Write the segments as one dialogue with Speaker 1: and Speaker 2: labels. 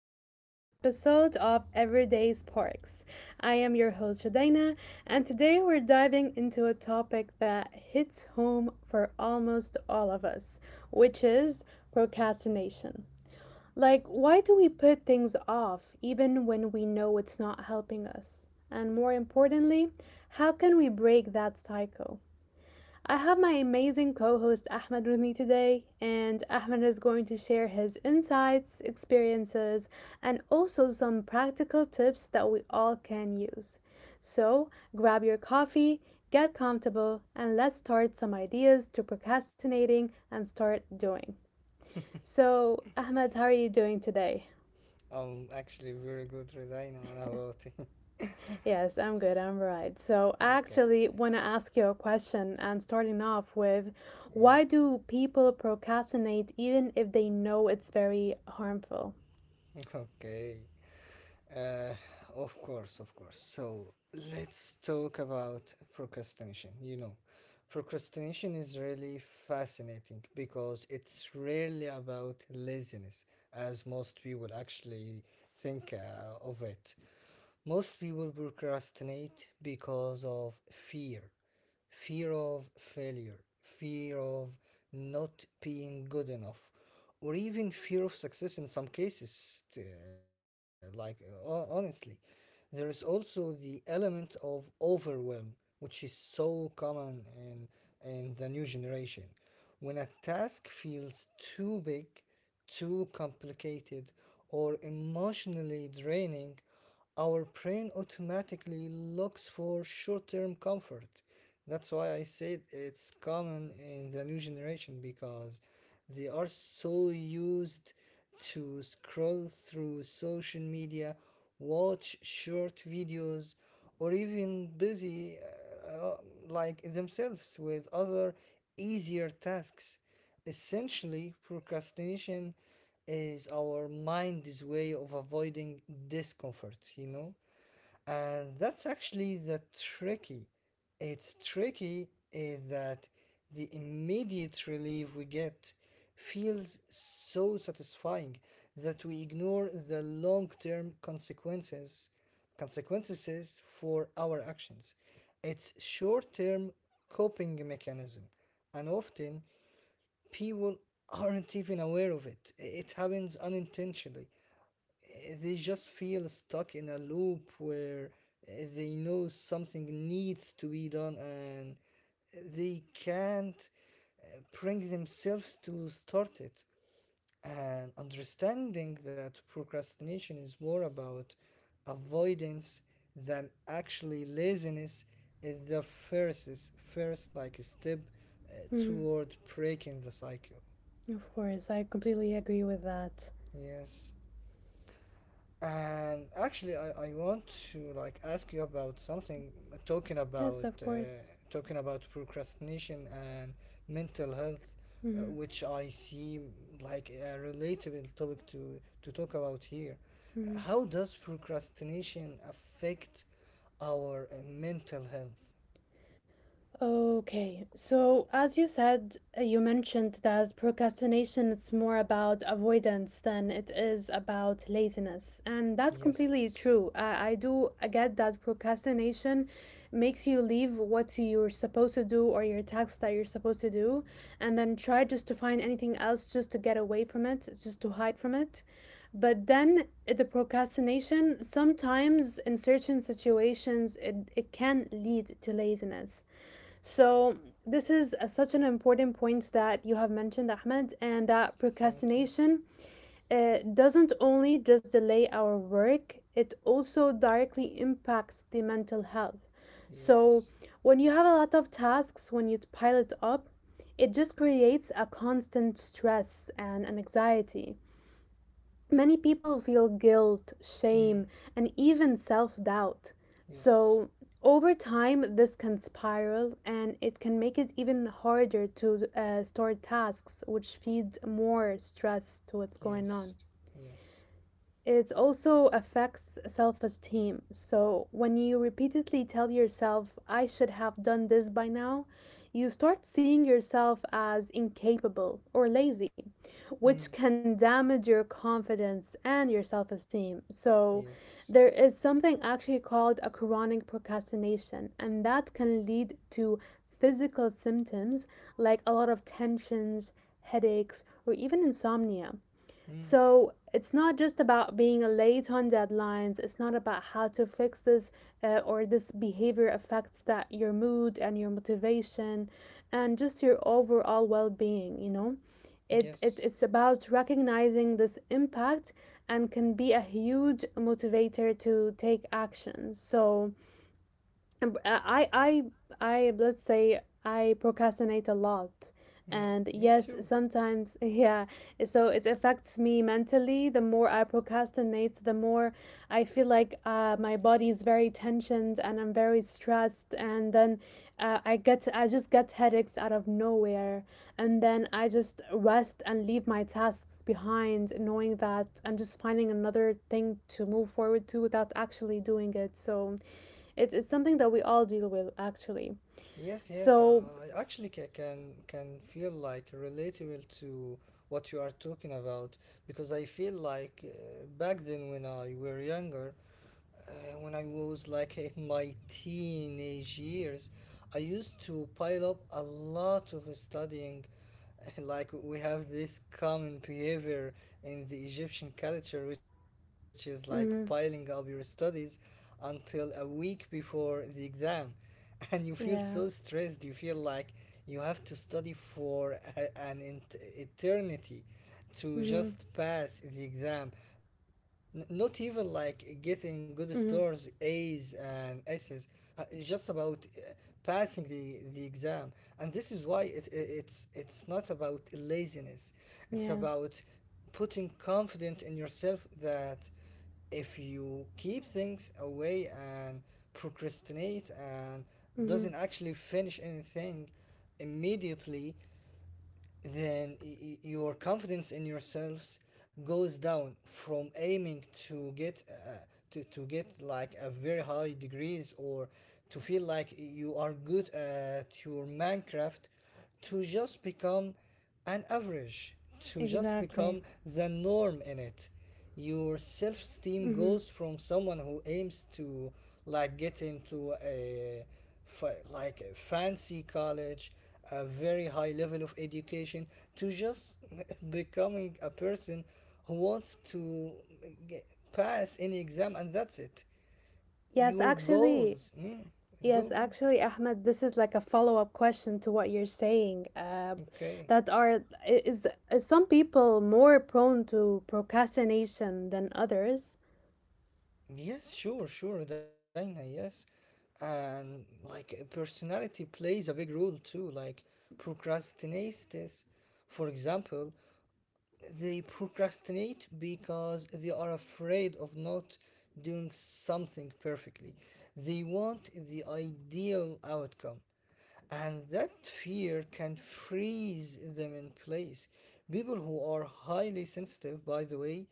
Speaker 1: back to another episode of Everyday Sparks. I am your host, Rodina, and today we're diving into a topic that hits home for almost all of us, which is procrastination. Like, why do we put things off even when we know it's not helping us? And more importantly, how can we break that cycle? I have my amazing co host Ahmed with me today, and Ahmed is going to share his insights, experiences, and also some practical tips that we all can use. So grab your coffee, get comfortable, and let's start some ideas to procrastinating and start doing. So, Ahmed, how are you doing today?
Speaker 2: I'm actually very good designer about it.
Speaker 1: Yes, I'm good. I'm right. So, I actually want to ask you a question and starting off with why do people procrastinate even if they know it's very harmful?
Speaker 2: Okay. Uh, of course, of course. So let's talk about procrastination. Procrastination is really fascinating because it's rarely about laziness, as most people actually think of it. Most people procrastinate because of fear fear of failure, fear of not being good enough, or even fear of success in some cases. Like, honestly, there is also the element of overwhelm, which is so common in the new generation. When a task feels too big, too complicated, or emotionally draining, our brain automatically looks for short term comfort. That's why I said it's common in the new generation because they are so used to scroll through social media, watch short videos, or even busy uh, like themselves with other easier tasks. Essentially, procrastination is our mind's way of avoiding discomfort, And that's actually the tricky. It's tricky is that the immediate relief we get feels so satisfying that we ignore the long-term consequences consequences for our actions. It's short-term coping mechanism and often people aren't even aware of it. It happens unintentionally. They just feel stuck in a loop where they know something needs to be done and they can't bring themselves to start it. And understanding that procrastination is more about avoidance than actually laziness is first like step
Speaker 1: Mhm.
Speaker 2: toward breaking the cycle.
Speaker 1: Of course, I completely agree with that.
Speaker 2: Yes. And actually, I want to like ask you about something
Speaker 1: Yes, of course.
Speaker 2: talking about procrastination and mental health,
Speaker 1: Mhm.
Speaker 2: which I see like a relatable topic to talk about here.
Speaker 1: Mhm.
Speaker 2: How does procrastination affect our mental health?
Speaker 1: Okay. So, as you said, you mentioned that procrastination it's more about avoidance than it is about laziness. And that's
Speaker 2: Yes.
Speaker 1: completely true. I do get that procrastination makes you leave what you're supposed to do or your tasks that you're supposed to do, and then try just to find anything else just to get away from it, just to hide from it. But then the procrastination sometimes in certain situations, it can lead to laziness. So, this is such an important point that you have mentioned, Ahmed, and that
Speaker 2: Thank you.
Speaker 1: procrastination doesn't only just delay our work, it also directly impacts the mental health. So,
Speaker 2: Yes.
Speaker 1: when you have a lot of tasks, when you pile it up, it just creates a constant stress and an anxiety. Many people feel guilt, shame,
Speaker 2: Mm.
Speaker 1: and even self doubt.
Speaker 2: Yes.
Speaker 1: So, over time, this can spiral and it can make it even harder to store tasks, which feeds more stress to what's going on.
Speaker 2: Yes. Yes.
Speaker 1: It also affects self esteem. So, when you repeatedly tell yourself, I should have done this by now, you start seeing yourself as incapable or lazy,
Speaker 2: Mm.
Speaker 1: which can damage your confidence and your self esteem. So,
Speaker 2: Yes.
Speaker 1: there is something actually called a chronic procrastination, and that can lead to physical symptoms like a lot of tensions, headaches, or even insomnia.
Speaker 2: Mm.
Speaker 1: So it's not just about being late on deadlines. It's not about how to fix this, or this behavior affects that your mood and your motivation and just your overall well-being, you know? It, it
Speaker 2: Yes.
Speaker 1: it's about recognizing this impact, and can be a huge motivator to take action. So um, I I I let's say I procrastinate a lot.
Speaker 2: Mm,
Speaker 1: And
Speaker 2: me
Speaker 1: yes,
Speaker 2: too.
Speaker 1: sometimes yeah, so it affects me mentally. The more I procrastinate, the more I feel like my body is very tensioned and I'm very stressed. And then I just get headaches out of nowhere. And then I just rest and leave my tasks behind, knowing that I'm just finding another thing to move forward to without actually doing it. So it's something that we all deal with actually.
Speaker 2: Yes, yes.
Speaker 1: So,
Speaker 2: I actually can feel like relatable to what you are talking about because I feel like back then when I were younger, Uh, when I was like in my teenage years, I used to pile up a lot of studying. Like we have this common behavior in the Egyptian culture, which is like piling up your
Speaker 1: mhm.
Speaker 2: studies until a week before the exam, and you feel so
Speaker 1: Yeah.
Speaker 2: stressed. You feel like you have to study for an eternity, to
Speaker 1: Mhm.
Speaker 2: just pass the exam. Not even like getting good scores,
Speaker 1: Mhm.
Speaker 2: A's and S's. It's just about passing the exam, and this is why it's not about laziness. It's
Speaker 1: Yeah.
Speaker 2: about putting confident in yourself that if you keep things away and procrastinate and
Speaker 1: Mhm.
Speaker 2: doesn't actually finish anything immediately then your confidence in yourselves goes down from aiming to get like a very high degrees or to feel like you are good at your minecraft to just become an average to just
Speaker 1: Exactly.
Speaker 2: become the norm in it your self-esteem
Speaker 1: Mhm.
Speaker 2: goes from someone who aims to like get into a like a fancy college, a very high level of education, to just becoming a person who wants to get, pass any exam and that's it.
Speaker 1: Yes,
Speaker 2: Your
Speaker 1: actually.
Speaker 2: goals. Go,
Speaker 1: Yes,
Speaker 2: go.
Speaker 1: actually, Ahmed, this is like a follow-up question to what you're saying.
Speaker 2: Okay.
Speaker 1: That are I- is some people more prone to procrastination than others?
Speaker 2: Yes, sure, sure, Dina, yes. And like personality plays a big role too, like procrastinates. For example, they procrastinate because they are afraid of not doing something perfectly. They want the ideal outcome, and that fear can freeze them in place. People who are highly sensitive, by the way,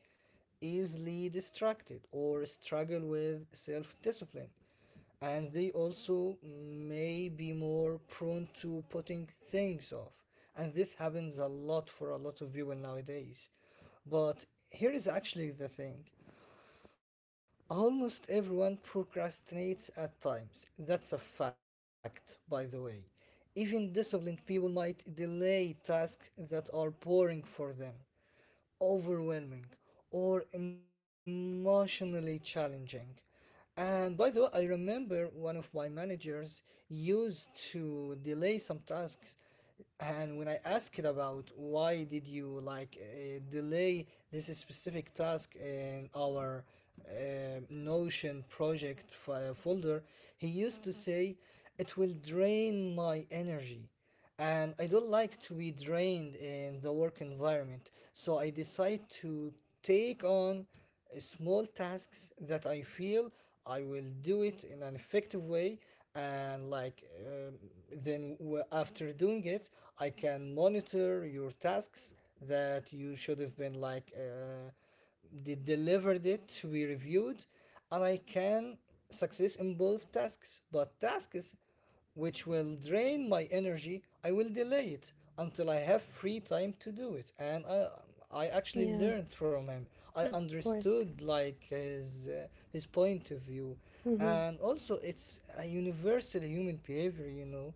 Speaker 2: easily distracted or struggle with self discipline, and they also may be more prone to putting things off. And this happens a lot for a lot of people nowadays. But here is actually the thing Almost everyone procrastinates at times. That's a fact, by the way. Even disciplined people might delay tasks that are boring for them overwhelming or emotionally challenging. And by the way, I remember one of my managers used to delay some tasks. And when I asked about why did you like delay this specific task in our uh, Notion project folder, he used to say, "It will drain my energy." and I don't like to be drained in the work environment. So I decide to take on small tasks that I feel I will do it in an effective way, and like then after doing it, I can monitor your tasks that you should have been like delivered it to be reviewed, and I can success in both tasks. But tasks which will drain my energy, I will delay it until I have free time to do it. And I actually
Speaker 1: Yeah,
Speaker 2: learned from him. I
Speaker 1: of course.
Speaker 2: understood like his point of view,
Speaker 1: Mhm.
Speaker 2: and also it's a universal human behavior, you know.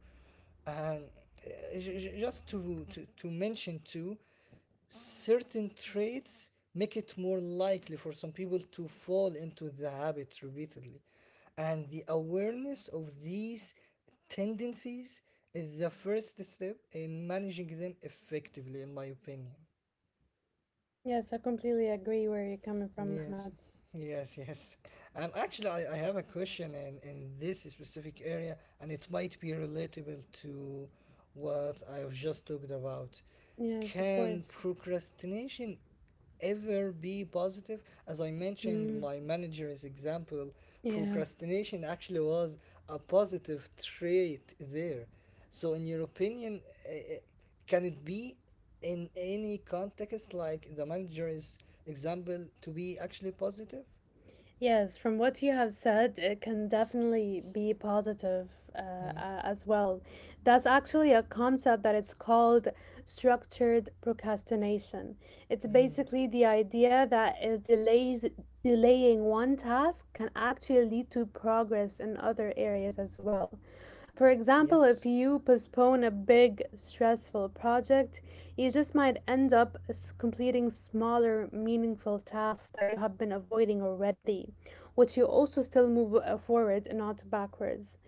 Speaker 2: And just to mention too certain traits make it more likely for some people to fall into the habit repeatedly. And the awareness of these tendencies is the first step in managing them effectively, in my opinion.
Speaker 1: Yes, I completely agree where you're coming from, Ahmed.
Speaker 2: Yes, yes, yes. And actually, I have a question in this specific area, and it might be relatable to what I've just talked about.
Speaker 1: Yes, of
Speaker 2: Can
Speaker 1: course.
Speaker 2: procrastination ever be positive? As I mentioned,
Speaker 1: Mm,
Speaker 2: my manager's example,
Speaker 1: yeah.
Speaker 2: procrastination actually was a positive trait there. So, in your opinion, can it be? In any context like the manager's example to be actually positive.
Speaker 1: Yes, from what you have said, it can definitely be positive uh,
Speaker 2: Mm,
Speaker 1: as well. That's actually a concept that is called structured procrastination. It's basically the idea that is delays delaying one task can actually lead to progress in other areas as well. For
Speaker 2: yes
Speaker 1: example, if you postpone a big, stressful project, you just might end up completing smaller, meaningful tasks that you have been avoiding already, which you also still move forward, and not backwards.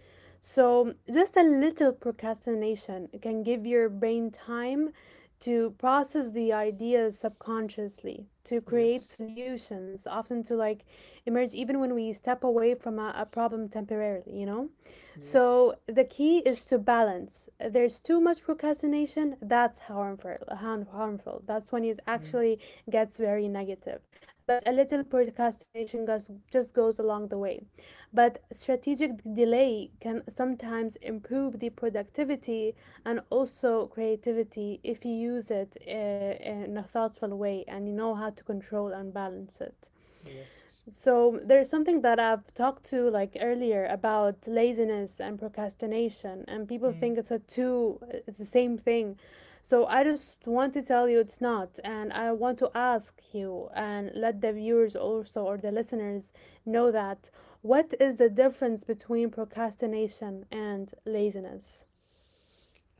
Speaker 1: So, just a little procrastination can give your brain time to process the ideas subconsciously, to create
Speaker 2: yes
Speaker 1: solutions, often to like emerge even when we step away from a problem temporarily, you know?
Speaker 2: yes
Speaker 1: So the key is to balance. If there's too much procrastination, that's harmful. Harmful. That's when it
Speaker 2: Mm,
Speaker 1: actually gets very negative. But a little procrastination goes, just goes along the way. But strategic delay can sometimes improve the productivity and also creativity if you use it in a thoughtful way and you know how to control and balance it.
Speaker 2: yes
Speaker 1: So there's something that I've talked to like earlier about laziness and procrastination, and people
Speaker 2: Mm.
Speaker 1: think it's a two, it's the same thing. So I just want to tell you it's not, and I want to ask you and let the viewers also or the listeners know that, what is the difference between procrastination and laziness?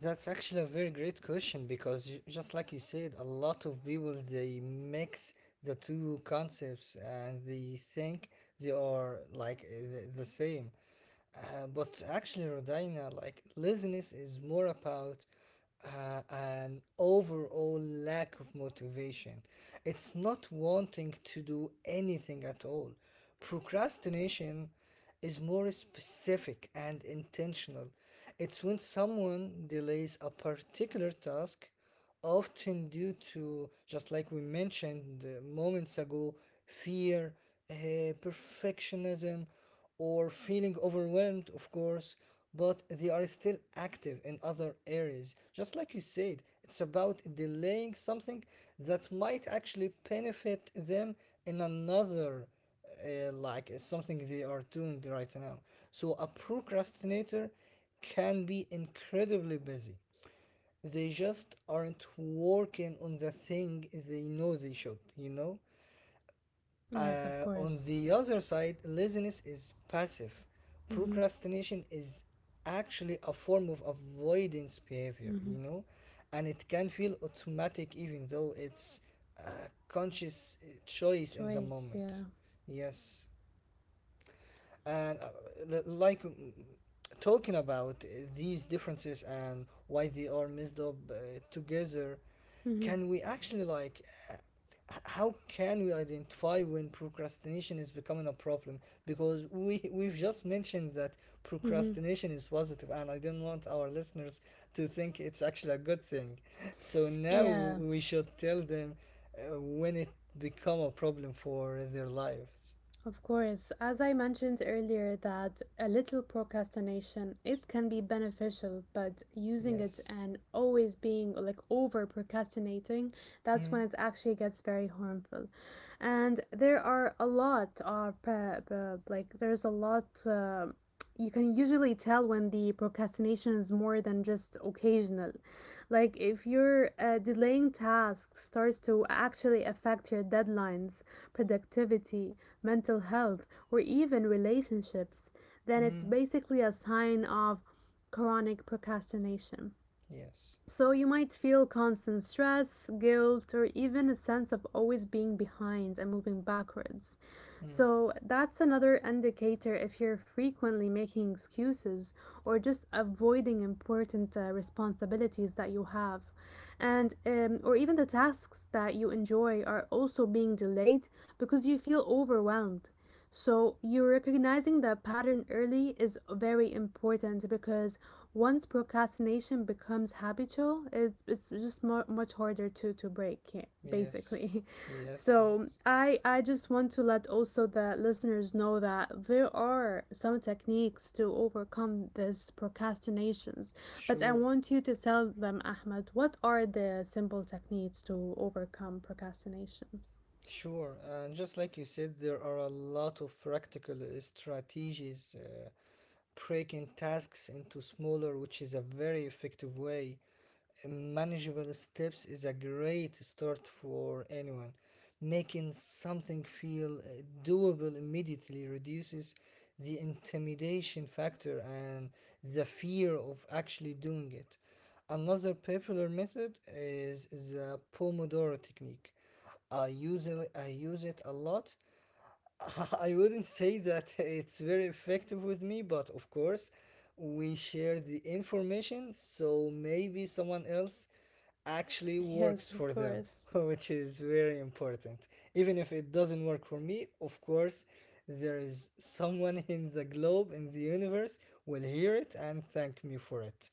Speaker 2: That's actually a very great question because just like you said a lot of people they mix the two concepts and they think they are like the same but actually, Rodina, like laziness is more about an overall lack of motivation. It's not wanting to do anything at all. Procrastination is more specific and intentional. It's when someone delays a particular task often due to, just like we mentioned moments ago, fear, uh, perfectionism, or feeling overwhelmed, of course, but they are still active in other areas. Just like you said, it's about delaying something that might actually benefit them in another like something they are doing right now. So a procrastinator can be incredibly busy, they just aren't working on the thing they know they should, you know?
Speaker 1: Yes, of
Speaker 2: On
Speaker 1: course.
Speaker 2: the other side, laziness is passive.
Speaker 1: Mm-hmm.
Speaker 2: Procrastination is actually a form of avoidance behavior,
Speaker 1: Mm-hmm.
Speaker 2: you know? And it can feel automatic even though it's a conscious choice in the
Speaker 1: Choice, yeah.
Speaker 2: moment. Yes and like talking about these differences and why they are messed up together
Speaker 1: Mm-hmm.
Speaker 2: can we actually like uh, how can we identify when procrastination is becoming a problem because we we've just mentioned that
Speaker 1: Mm-hmm.
Speaker 2: procrastination is positive and I don't want our listeners to think it's actually a good thing so now
Speaker 1: Yeah.
Speaker 2: we should tell them when it become a problem for their lives
Speaker 1: Of course, as I mentioned earlier, that a little procrastination it can be beneficial, but using it
Speaker 2: yes
Speaker 1: and always being like over procrastinating, that's when
Speaker 2: Hmm.
Speaker 1: it actually gets very harmful. And there are a lot of like there's a lot. You can usually tell when the procrastination is more than just occasional, like if your delaying tasks starts to actually affect your deadlines, productivity, mental health, or even relationships, then it's
Speaker 2: Mm,
Speaker 1: basically a sign of chronic procrastination.
Speaker 2: yes.
Speaker 1: So you might feel constant stress, guilt, or even a sense of always being behind and moving backwards.
Speaker 2: Mm,
Speaker 1: So that's another indicator if you're frequently making excuses or just avoiding important responsibilities that you have. And or even the tasks that you enjoy are also being delayed because you feel overwhelmed. So, you recognizing that pattern early is very important because once procrastination becomes habitual, it's just much harder to break it,
Speaker 2: yes.
Speaker 1: basically.
Speaker 2: Yes,
Speaker 1: So,
Speaker 2: yes.
Speaker 1: I just want to let also the listeners know that there are some techniques to overcome this procrastinations. But I
Speaker 2: Sure.
Speaker 1: want you to tell them, Ahmed, what are the simple techniques to overcome procrastination?
Speaker 2: Sure. And just like you said, there are a lot of practical strategies, breaking tasks into smaller, which is a very effective way. Manageable steps is a great start for anyone. Making something feel doable immediately reduces the intimidation factor and the fear of actually doing it. Another popular method is the Pomodoro technique. I use it a lot. I wouldn't say that it's very effective with me, but of course, we share the information, so maybe someone else actually works
Speaker 1: Yes,
Speaker 2: for
Speaker 1: of
Speaker 2: them,
Speaker 1: course.
Speaker 2: which is very important. Even if it doesn't work for me, of course, there is someone in the globe, in the universe, will hear it and thank me for it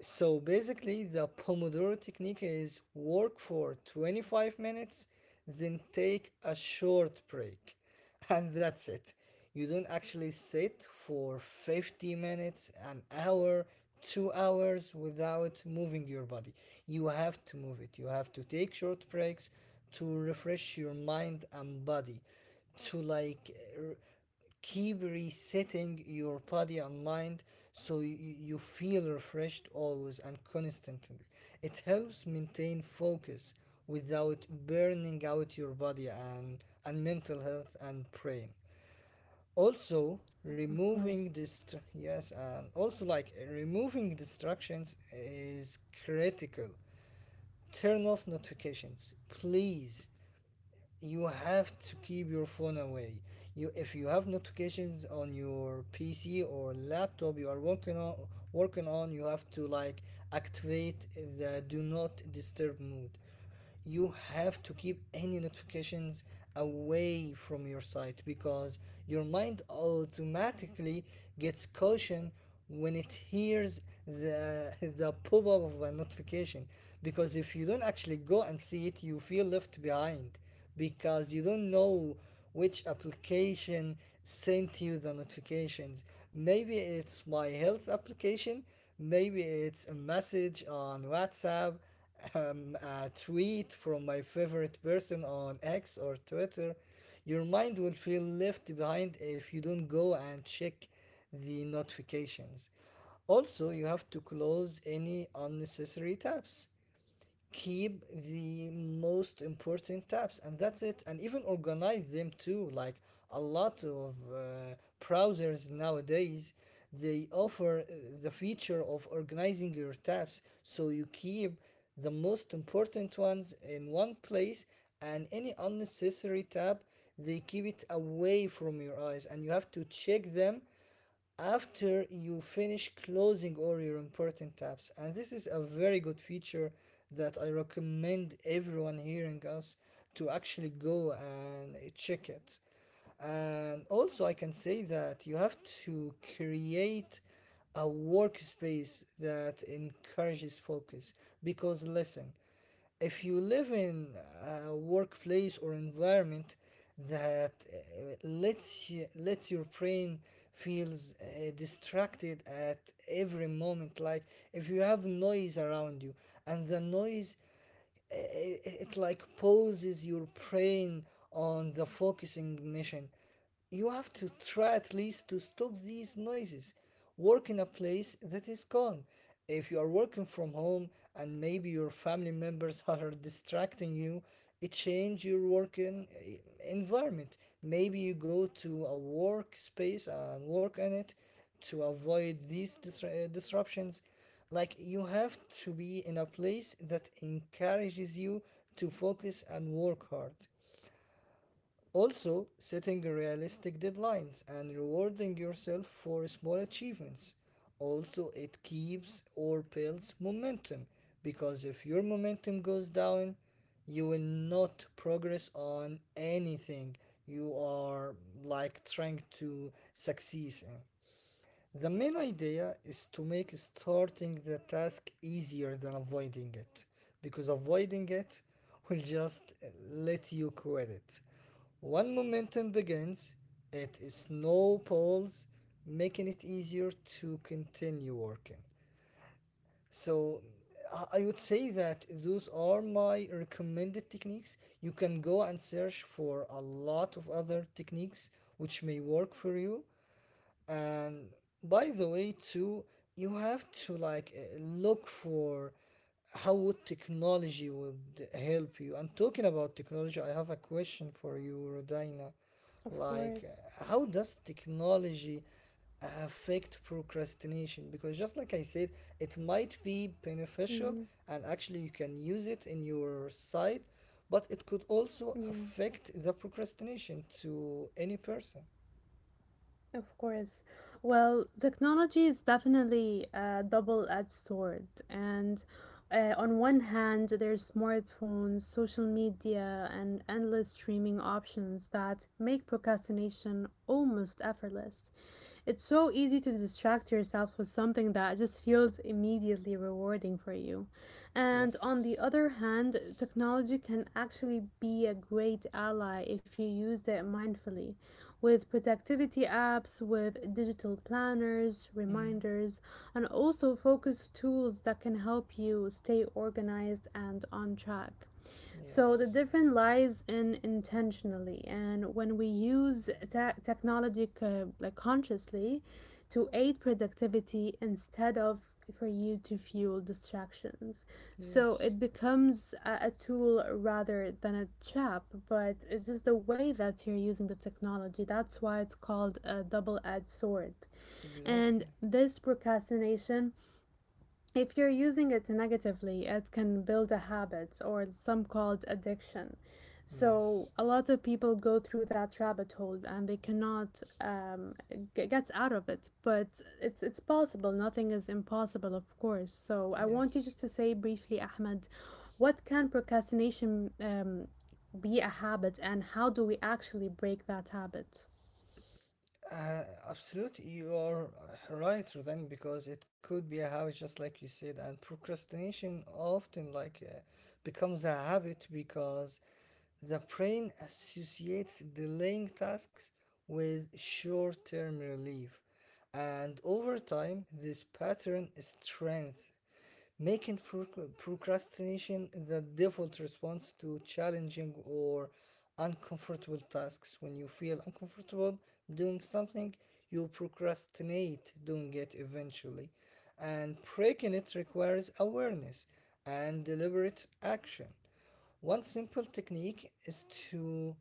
Speaker 2: so basically the pomodoro technique is work for 25 minutes then take a short break and that's it you don't actually sit for 50 minutes an hour 2 hours without moving your body you have to move it you have to take short breaks to refresh your mind and body to like keep resetting your body and mind so you feel refreshed always and constantly. It helps maintain focus without burning out your body and mental health and brain. Also,
Speaker 1: Of course.
Speaker 2: removing dist- yes and also like removing distractions is critical turn off notifications please you have to keep your phone away. You if you have notifications on your PC or laptop you are working on you have to like activate the do not disturb mode. You have to keep any notifications away from your site because your mind automatically gets caution when it hears the the pop-up of a notification because if you don't actually go and see it you feel left behind because you don't know which application sent you the notifications. Maybe it's my health application, maybe it's a message on WhatsApp, um, a tweet from my favorite person on X or Twitter. Your mind will feel left behind if you don't go and check the notifications. Also, you have to close any unnecessary tabs, keep the most important tabs, and that's it, and even organize them too. Like a lot of browsers nowadays, they offer the feature of organizing your tabs, so you keep the most important ones in one place, and any unnecessary tab, they keep it away from your eyes, and you have to check them after you finish closing all your important tabs. And this is a very good feature that I recommend everyone hearing us to actually go and check it. And also, I can say that you have to create a workspace that encourages focus, because listen, if you live in a workplace or environment that lets your brain feels distracted at every moment. Like if you have noise around you, and the noise, it like poses your brain on the focusing mission. You have to try at least to stop these noises. Work in a place that is calm. If you are working from home and maybe your family members are distracting you, it change your working environment. Maybe you go to a workspace and work on it to avoid these disruptions. Like you have to be in a place that encourages you to focus and work hard. Also, setting realistic deadlines and rewarding yourself for small achievements. Also, it keeps or builds momentum, because if your momentum goes down, you will not progress on anything you are like trying to succeed in. The main idea is to make starting the task easier than avoiding it, because avoiding it will just let you quit it. When momentum begins, it snowballs, making it easier to continue working. So I would say that those are my recommended techniques. You can go and search for a lot of other techniques which may work for you, and by the way, too, you have to like look for how would technology would help you. And talking about technology, I have a question for you, Rodina.
Speaker 1: Of
Speaker 2: Like,
Speaker 1: course.
Speaker 2: how does technology affect procrastination? Because just like I said, it might be beneficial,
Speaker 1: Hmm.
Speaker 2: and actually you can use it in your side, but it could also
Speaker 1: Yeah,
Speaker 2: affect the procrastination to any person.
Speaker 1: of course. Well, technology is definitely a double-edged sword. And on one hand, there's smartphones, social media, and endless streaming options that make procrastination almost effortless. It's so easy to distract yourself with something that just feels immediately rewarding for you. And on
Speaker 2: Yes.
Speaker 1: the other hand, technology can actually be a great ally if you use it mindfully. With productivity apps, with digital planners,
Speaker 2: Hmm.
Speaker 1: reminders, and also focus tools that can help you stay organized and on track. So the
Speaker 2: Yes.
Speaker 1: difference lies in intentionally, and when we use technology like consciously to aid productivity instead of for you to fuel distractions. So
Speaker 2: Yes.
Speaker 1: it becomes a tool rather than a trap, but it's just the way that you're using the technology. That's why it's called a double-edged sword. And
Speaker 2: Exactly.
Speaker 1: this procrastination, if you're using it negatively, it can build a habit or some called addiction.
Speaker 2: Yes.
Speaker 1: So a lot of people go through that rabbit hole and they cannot get out of it. But it's possible. Nothing is impossible, of course. So I want you
Speaker 2: Yes.
Speaker 1: just to say briefly, Ahmed, what can procrastination be a habit, and how do we actually break that habit?
Speaker 2: Uh, absolutely, you are right, Rodan, because it could be a habit, just like you said, and procrastination often like becomes a habit because the brain associates delaying tasks with short-term relief, and over time, this pattern strengthens, making procrastination the default response to challenging or uncomfortable tasks. When you feel uncomfortable doing something, you procrastinate doing it eventually. And breaking it requires awareness and deliberate action. One simple technique is to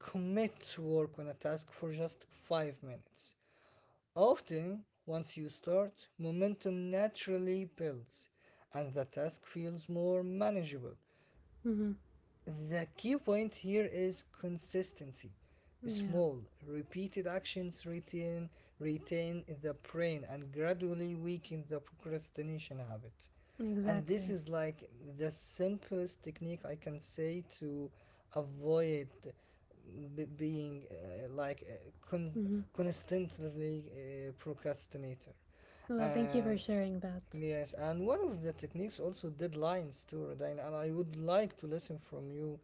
Speaker 2: commit to work on a task for just 5 minutes. Often, once you start, momentum naturally builds and the task feels more manageable.
Speaker 1: Mm-hmm.
Speaker 2: The key point here is consistency.
Speaker 1: Yeah,
Speaker 2: Small, repeated actions retain, retain the brain and gradually weaken the procrastination habit. And this
Speaker 1: exactly.
Speaker 2: is like the simplest technique I can say to avoid being
Speaker 1: Mm-hmm.
Speaker 2: constantly procrastinator.
Speaker 1: Well, thank you
Speaker 2: And
Speaker 1: for sharing that.
Speaker 2: yes, and one of the techniques also deadlines too, Radine, and I would like to listen from you,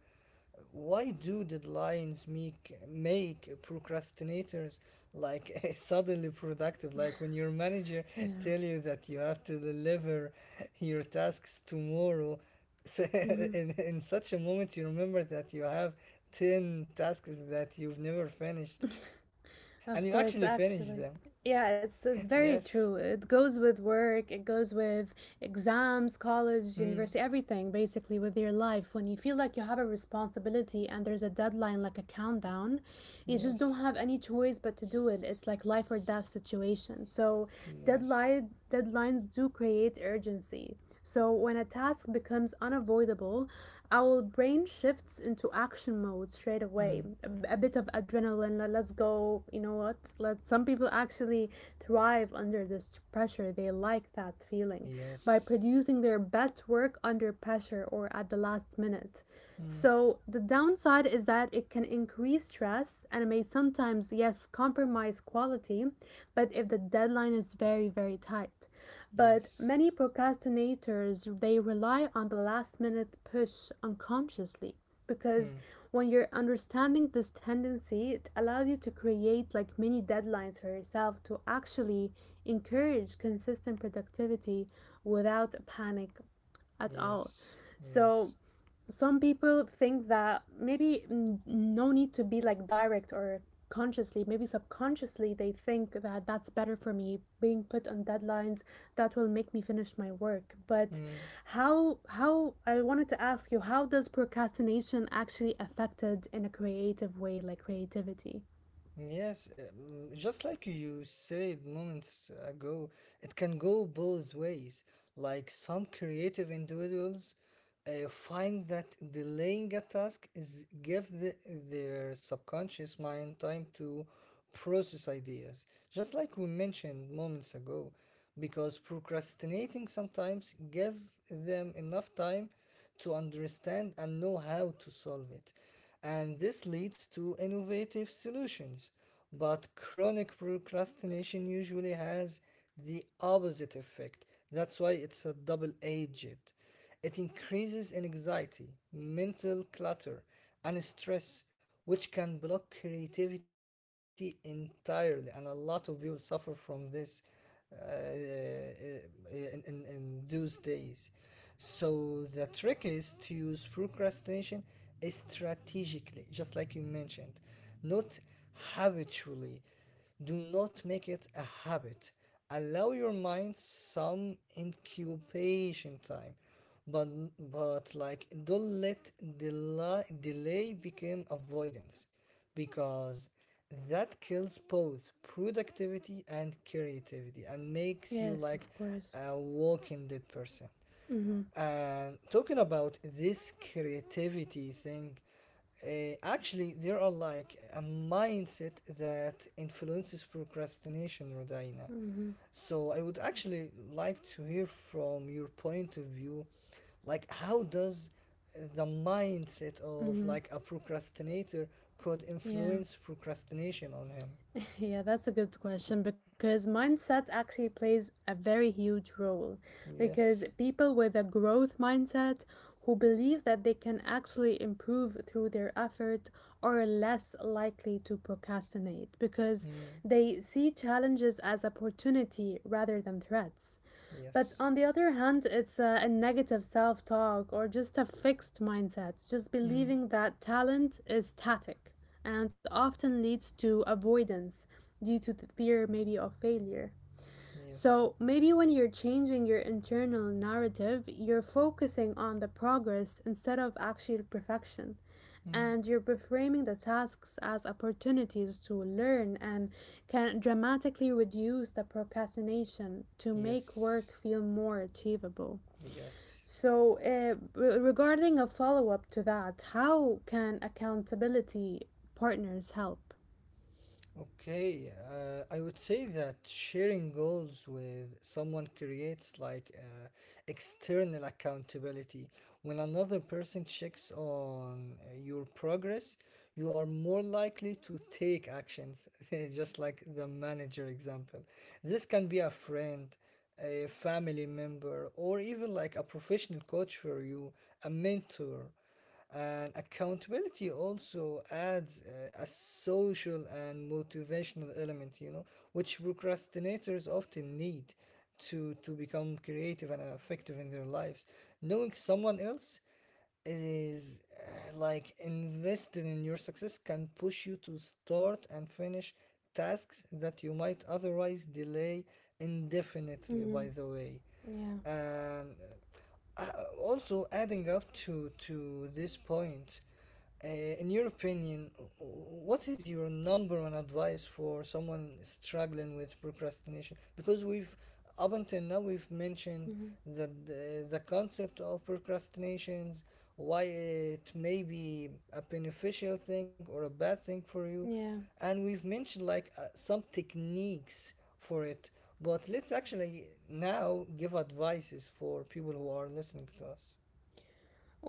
Speaker 2: why do deadlines make procrastinators like suddenly productive? Like when your manager
Speaker 1: Yeah.
Speaker 2: tell you that you have to deliver your tasks tomorrow, so
Speaker 1: Mm-hmm.
Speaker 2: in such a moment you remember that you have 10 tasks that you've never finished, and you actually finish
Speaker 1: Of
Speaker 2: them.
Speaker 1: course, actually. Yeah, it's
Speaker 2: Yes.
Speaker 1: very true. It goes with work, it goes with exams, college,
Speaker 2: Mm.
Speaker 1: university, everything basically with your life. When you feel like you have a responsibility and there's a deadline like a countdown, you just
Speaker 2: Yes.
Speaker 1: don't have any choice but to do it. It's like life or death situation. So,
Speaker 2: Yes.
Speaker 1: deadlines do create urgency. So, when a task becomes unavoidable, our brain shifts into action mode straight
Speaker 2: Mm.
Speaker 1: away. A bit of adrenaline, let's go, you know what? Let some people actually thrive under this pressure. They like that feeling by
Speaker 2: Yes.
Speaker 1: producing their best work under pressure or at the last minute.
Speaker 2: Mm.
Speaker 1: So, the downside is that it can increase stress and it may sometimes, yes, compromise quality, but if the deadline is very, very tight. But
Speaker 2: Yes.
Speaker 1: many procrastinators they rely on the last minute push unconsciously, because
Speaker 2: Mm.
Speaker 1: when you're understanding this tendency, it allows you to create like mini deadlines for yourself to actually encourage consistent productivity without panic at all.
Speaker 2: Yes. Yes.
Speaker 1: So some people think that maybe no need to be like direct or consciously, maybe subconsciously they think that that's better for me being put on deadlines that will make me finish my work. But
Speaker 2: Mm.
Speaker 1: how I wanted to ask you, how does procrastination actually affected in a creative way, like creativity?
Speaker 2: Yes, just like you said moments ago, it can go both ways. Like some creative individuals find that delaying a task is give their subconscious mind time to process ideas, just like we mentioned moments ago, because procrastinating sometimes give them enough time to understand and know how to solve it. And this leads to innovative solutions. But chronic procrastination usually has the opposite effect. That's why it's a double edged. It increases in anxiety, mental clutter, and stress, which can block creativity entirely. And a lot of people suffer from this uh, uh, in those days. So the trick is to use procrastination strategically, just like you mentioned, not habitually. Do not make it a habit. Allow your mind some incubation time, but like don't let delay become avoidance, because that kills both productivity and creativity and makes you
Speaker 1: Yes,
Speaker 2: like
Speaker 1: of course.
Speaker 2: a walking dead person.
Speaker 1: Mm-hmm.
Speaker 2: And talking about this creativity thing, actually, there are like a mindset that influences procrastination, Rodina.
Speaker 1: Mm-hmm.
Speaker 2: So I would actually like to hear from your point of view, like how does the mindset of
Speaker 1: Mm-hmm.
Speaker 2: like a procrastinator could
Speaker 1: Yeah.
Speaker 2: influence procrastination on him?
Speaker 1: Yeah, that's a good question because mindset actually plays a very huge role. Because
Speaker 2: Yes.
Speaker 1: people with a growth mindset who believe that they can actually improve through their effort are less likely to procrastinate because
Speaker 2: Mm.
Speaker 1: they see challenges as opportunity rather than threats. But
Speaker 2: Yes.
Speaker 1: on the other hand, it's a negative self talk or just a fixed mindset, just
Speaker 2: Mm.
Speaker 1: believing that talent is static and often leads to avoidance due to the fear, maybe, of failure.
Speaker 2: Yes.
Speaker 1: So, maybe when you're changing your internal narrative, you're focusing on the progress instead of actual perfection.
Speaker 2: Mm.
Speaker 1: And you're reframing the tasks as opportunities to learn, and can dramatically reduce the procrastination to make work
Speaker 2: Yes.
Speaker 1: feel more achievable.
Speaker 2: Yes.
Speaker 1: So, regarding a follow up to that, how can accountability partners help?
Speaker 2: Okay, I would say that sharing goals with someone creates like external accountability. When another person checks on your progress, you are more likely to take actions, just like the manager example. This can be a friend, a family member, or even like a professional coach for you, a mentor. And accountability also adds a social and motivational element, you know, which procrastinators often need to become creative and effective in their lives. Knowing someone else is like invested in your success can push you to start and finish tasks that you might otherwise delay indefinitely,
Speaker 1: Mm-hmm.
Speaker 2: by the way.
Speaker 1: Yeah.
Speaker 2: And uh, also, adding up to this point, in your opinion, what is your number one advice for someone struggling with procrastination? Because we've up until now we've mentioned
Speaker 1: Mm-hmm.
Speaker 2: that the concept of procrastinations, why it may be a beneficial thing or a bad thing for you,
Speaker 1: Yeah.
Speaker 2: and we've mentioned like some techniques for it, but let's actually now give advices for people who are listening to us.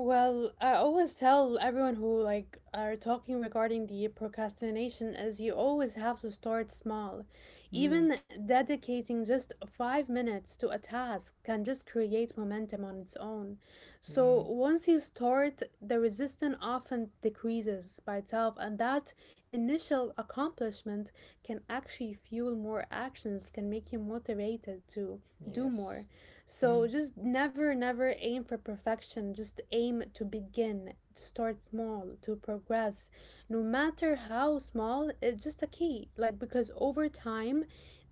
Speaker 1: Well, I always tell everyone who like are talking regarding the procrastination is you always have to start small.
Speaker 2: Mm.
Speaker 1: Even dedicating just 5 minutes to a task can just create momentum on its own. So
Speaker 2: Mm.
Speaker 1: once you start, the resistance often decreases by itself, and that initial accomplishment can actually fuel more actions, can make you motivated to do more.
Speaker 2: Yes.
Speaker 1: So
Speaker 2: Mm.
Speaker 1: just never, never aim for perfection. Just aim to begin, to start small, to progress. No matter how small, it's just a key. Like, because over time,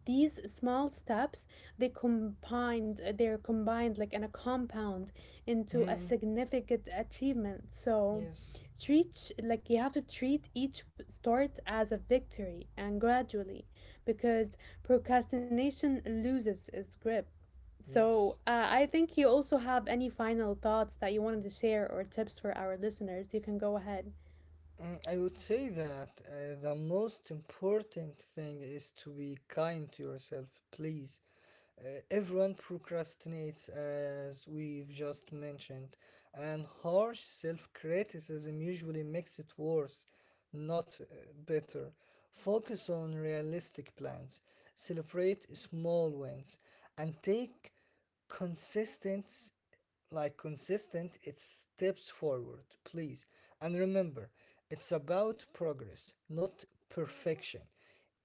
Speaker 1: these small steps they're combined like in a compound into a
Speaker 2: Mm.
Speaker 1: significant achievement. So
Speaker 2: Yes.
Speaker 1: treat, like, you have to treat each start as a victory, and gradually, because procrastination loses its grip. So,
Speaker 2: Yes.
Speaker 1: I think you also have any final thoughts that you wanted to share or tips for our listeners. You can go ahead.
Speaker 2: Mm, I would say that the most important thing is to be kind to yourself, please. Uh, Everyone procrastinates, as we've just mentioned, and harsh self criticism usually makes it worse, not better. Focus on realistic plans, celebrate small wins, and take consistent, like consistent it's steps forward, please, and remember, it's about progress not perfection.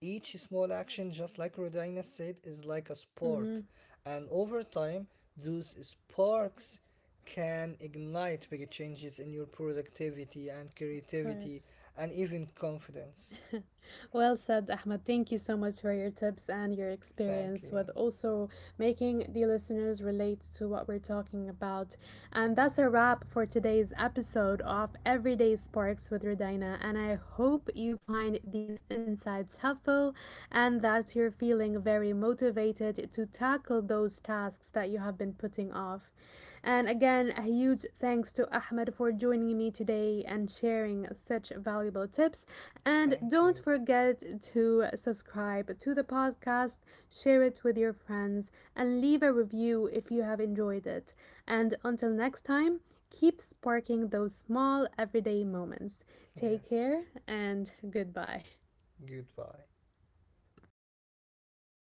Speaker 2: Each small action, just like Rodina said, is like a
Speaker 1: Mm-hmm.
Speaker 2: spark,
Speaker 1: Of
Speaker 2: and over time, those sparks can ignite big changes in your productivity and
Speaker 1: course.
Speaker 2: creativity and even confidence.
Speaker 1: Well said, Ahmed. Thank you so much for your tips and your
Speaker 2: Thank
Speaker 1: experience
Speaker 2: you.
Speaker 1: with also making the listeners relate to what we're talking about. And that's a wrap for today's episode of Everyday Sparks with Rodina. And I hope you find these insights helpful and that you're feeling very motivated to tackle those tasks that you have been putting off. And again, a huge thanks to Ahmed for joining me today and sharing such valuable tips. And
Speaker 2: Thank
Speaker 1: don't
Speaker 2: you.
Speaker 1: forget to subscribe to the podcast, share it with your friends, and leave a review if you have enjoyed it. And until next time, keep sparking those small everyday moments. Take
Speaker 2: Yes.
Speaker 1: care and goodbye.
Speaker 2: Goodbye.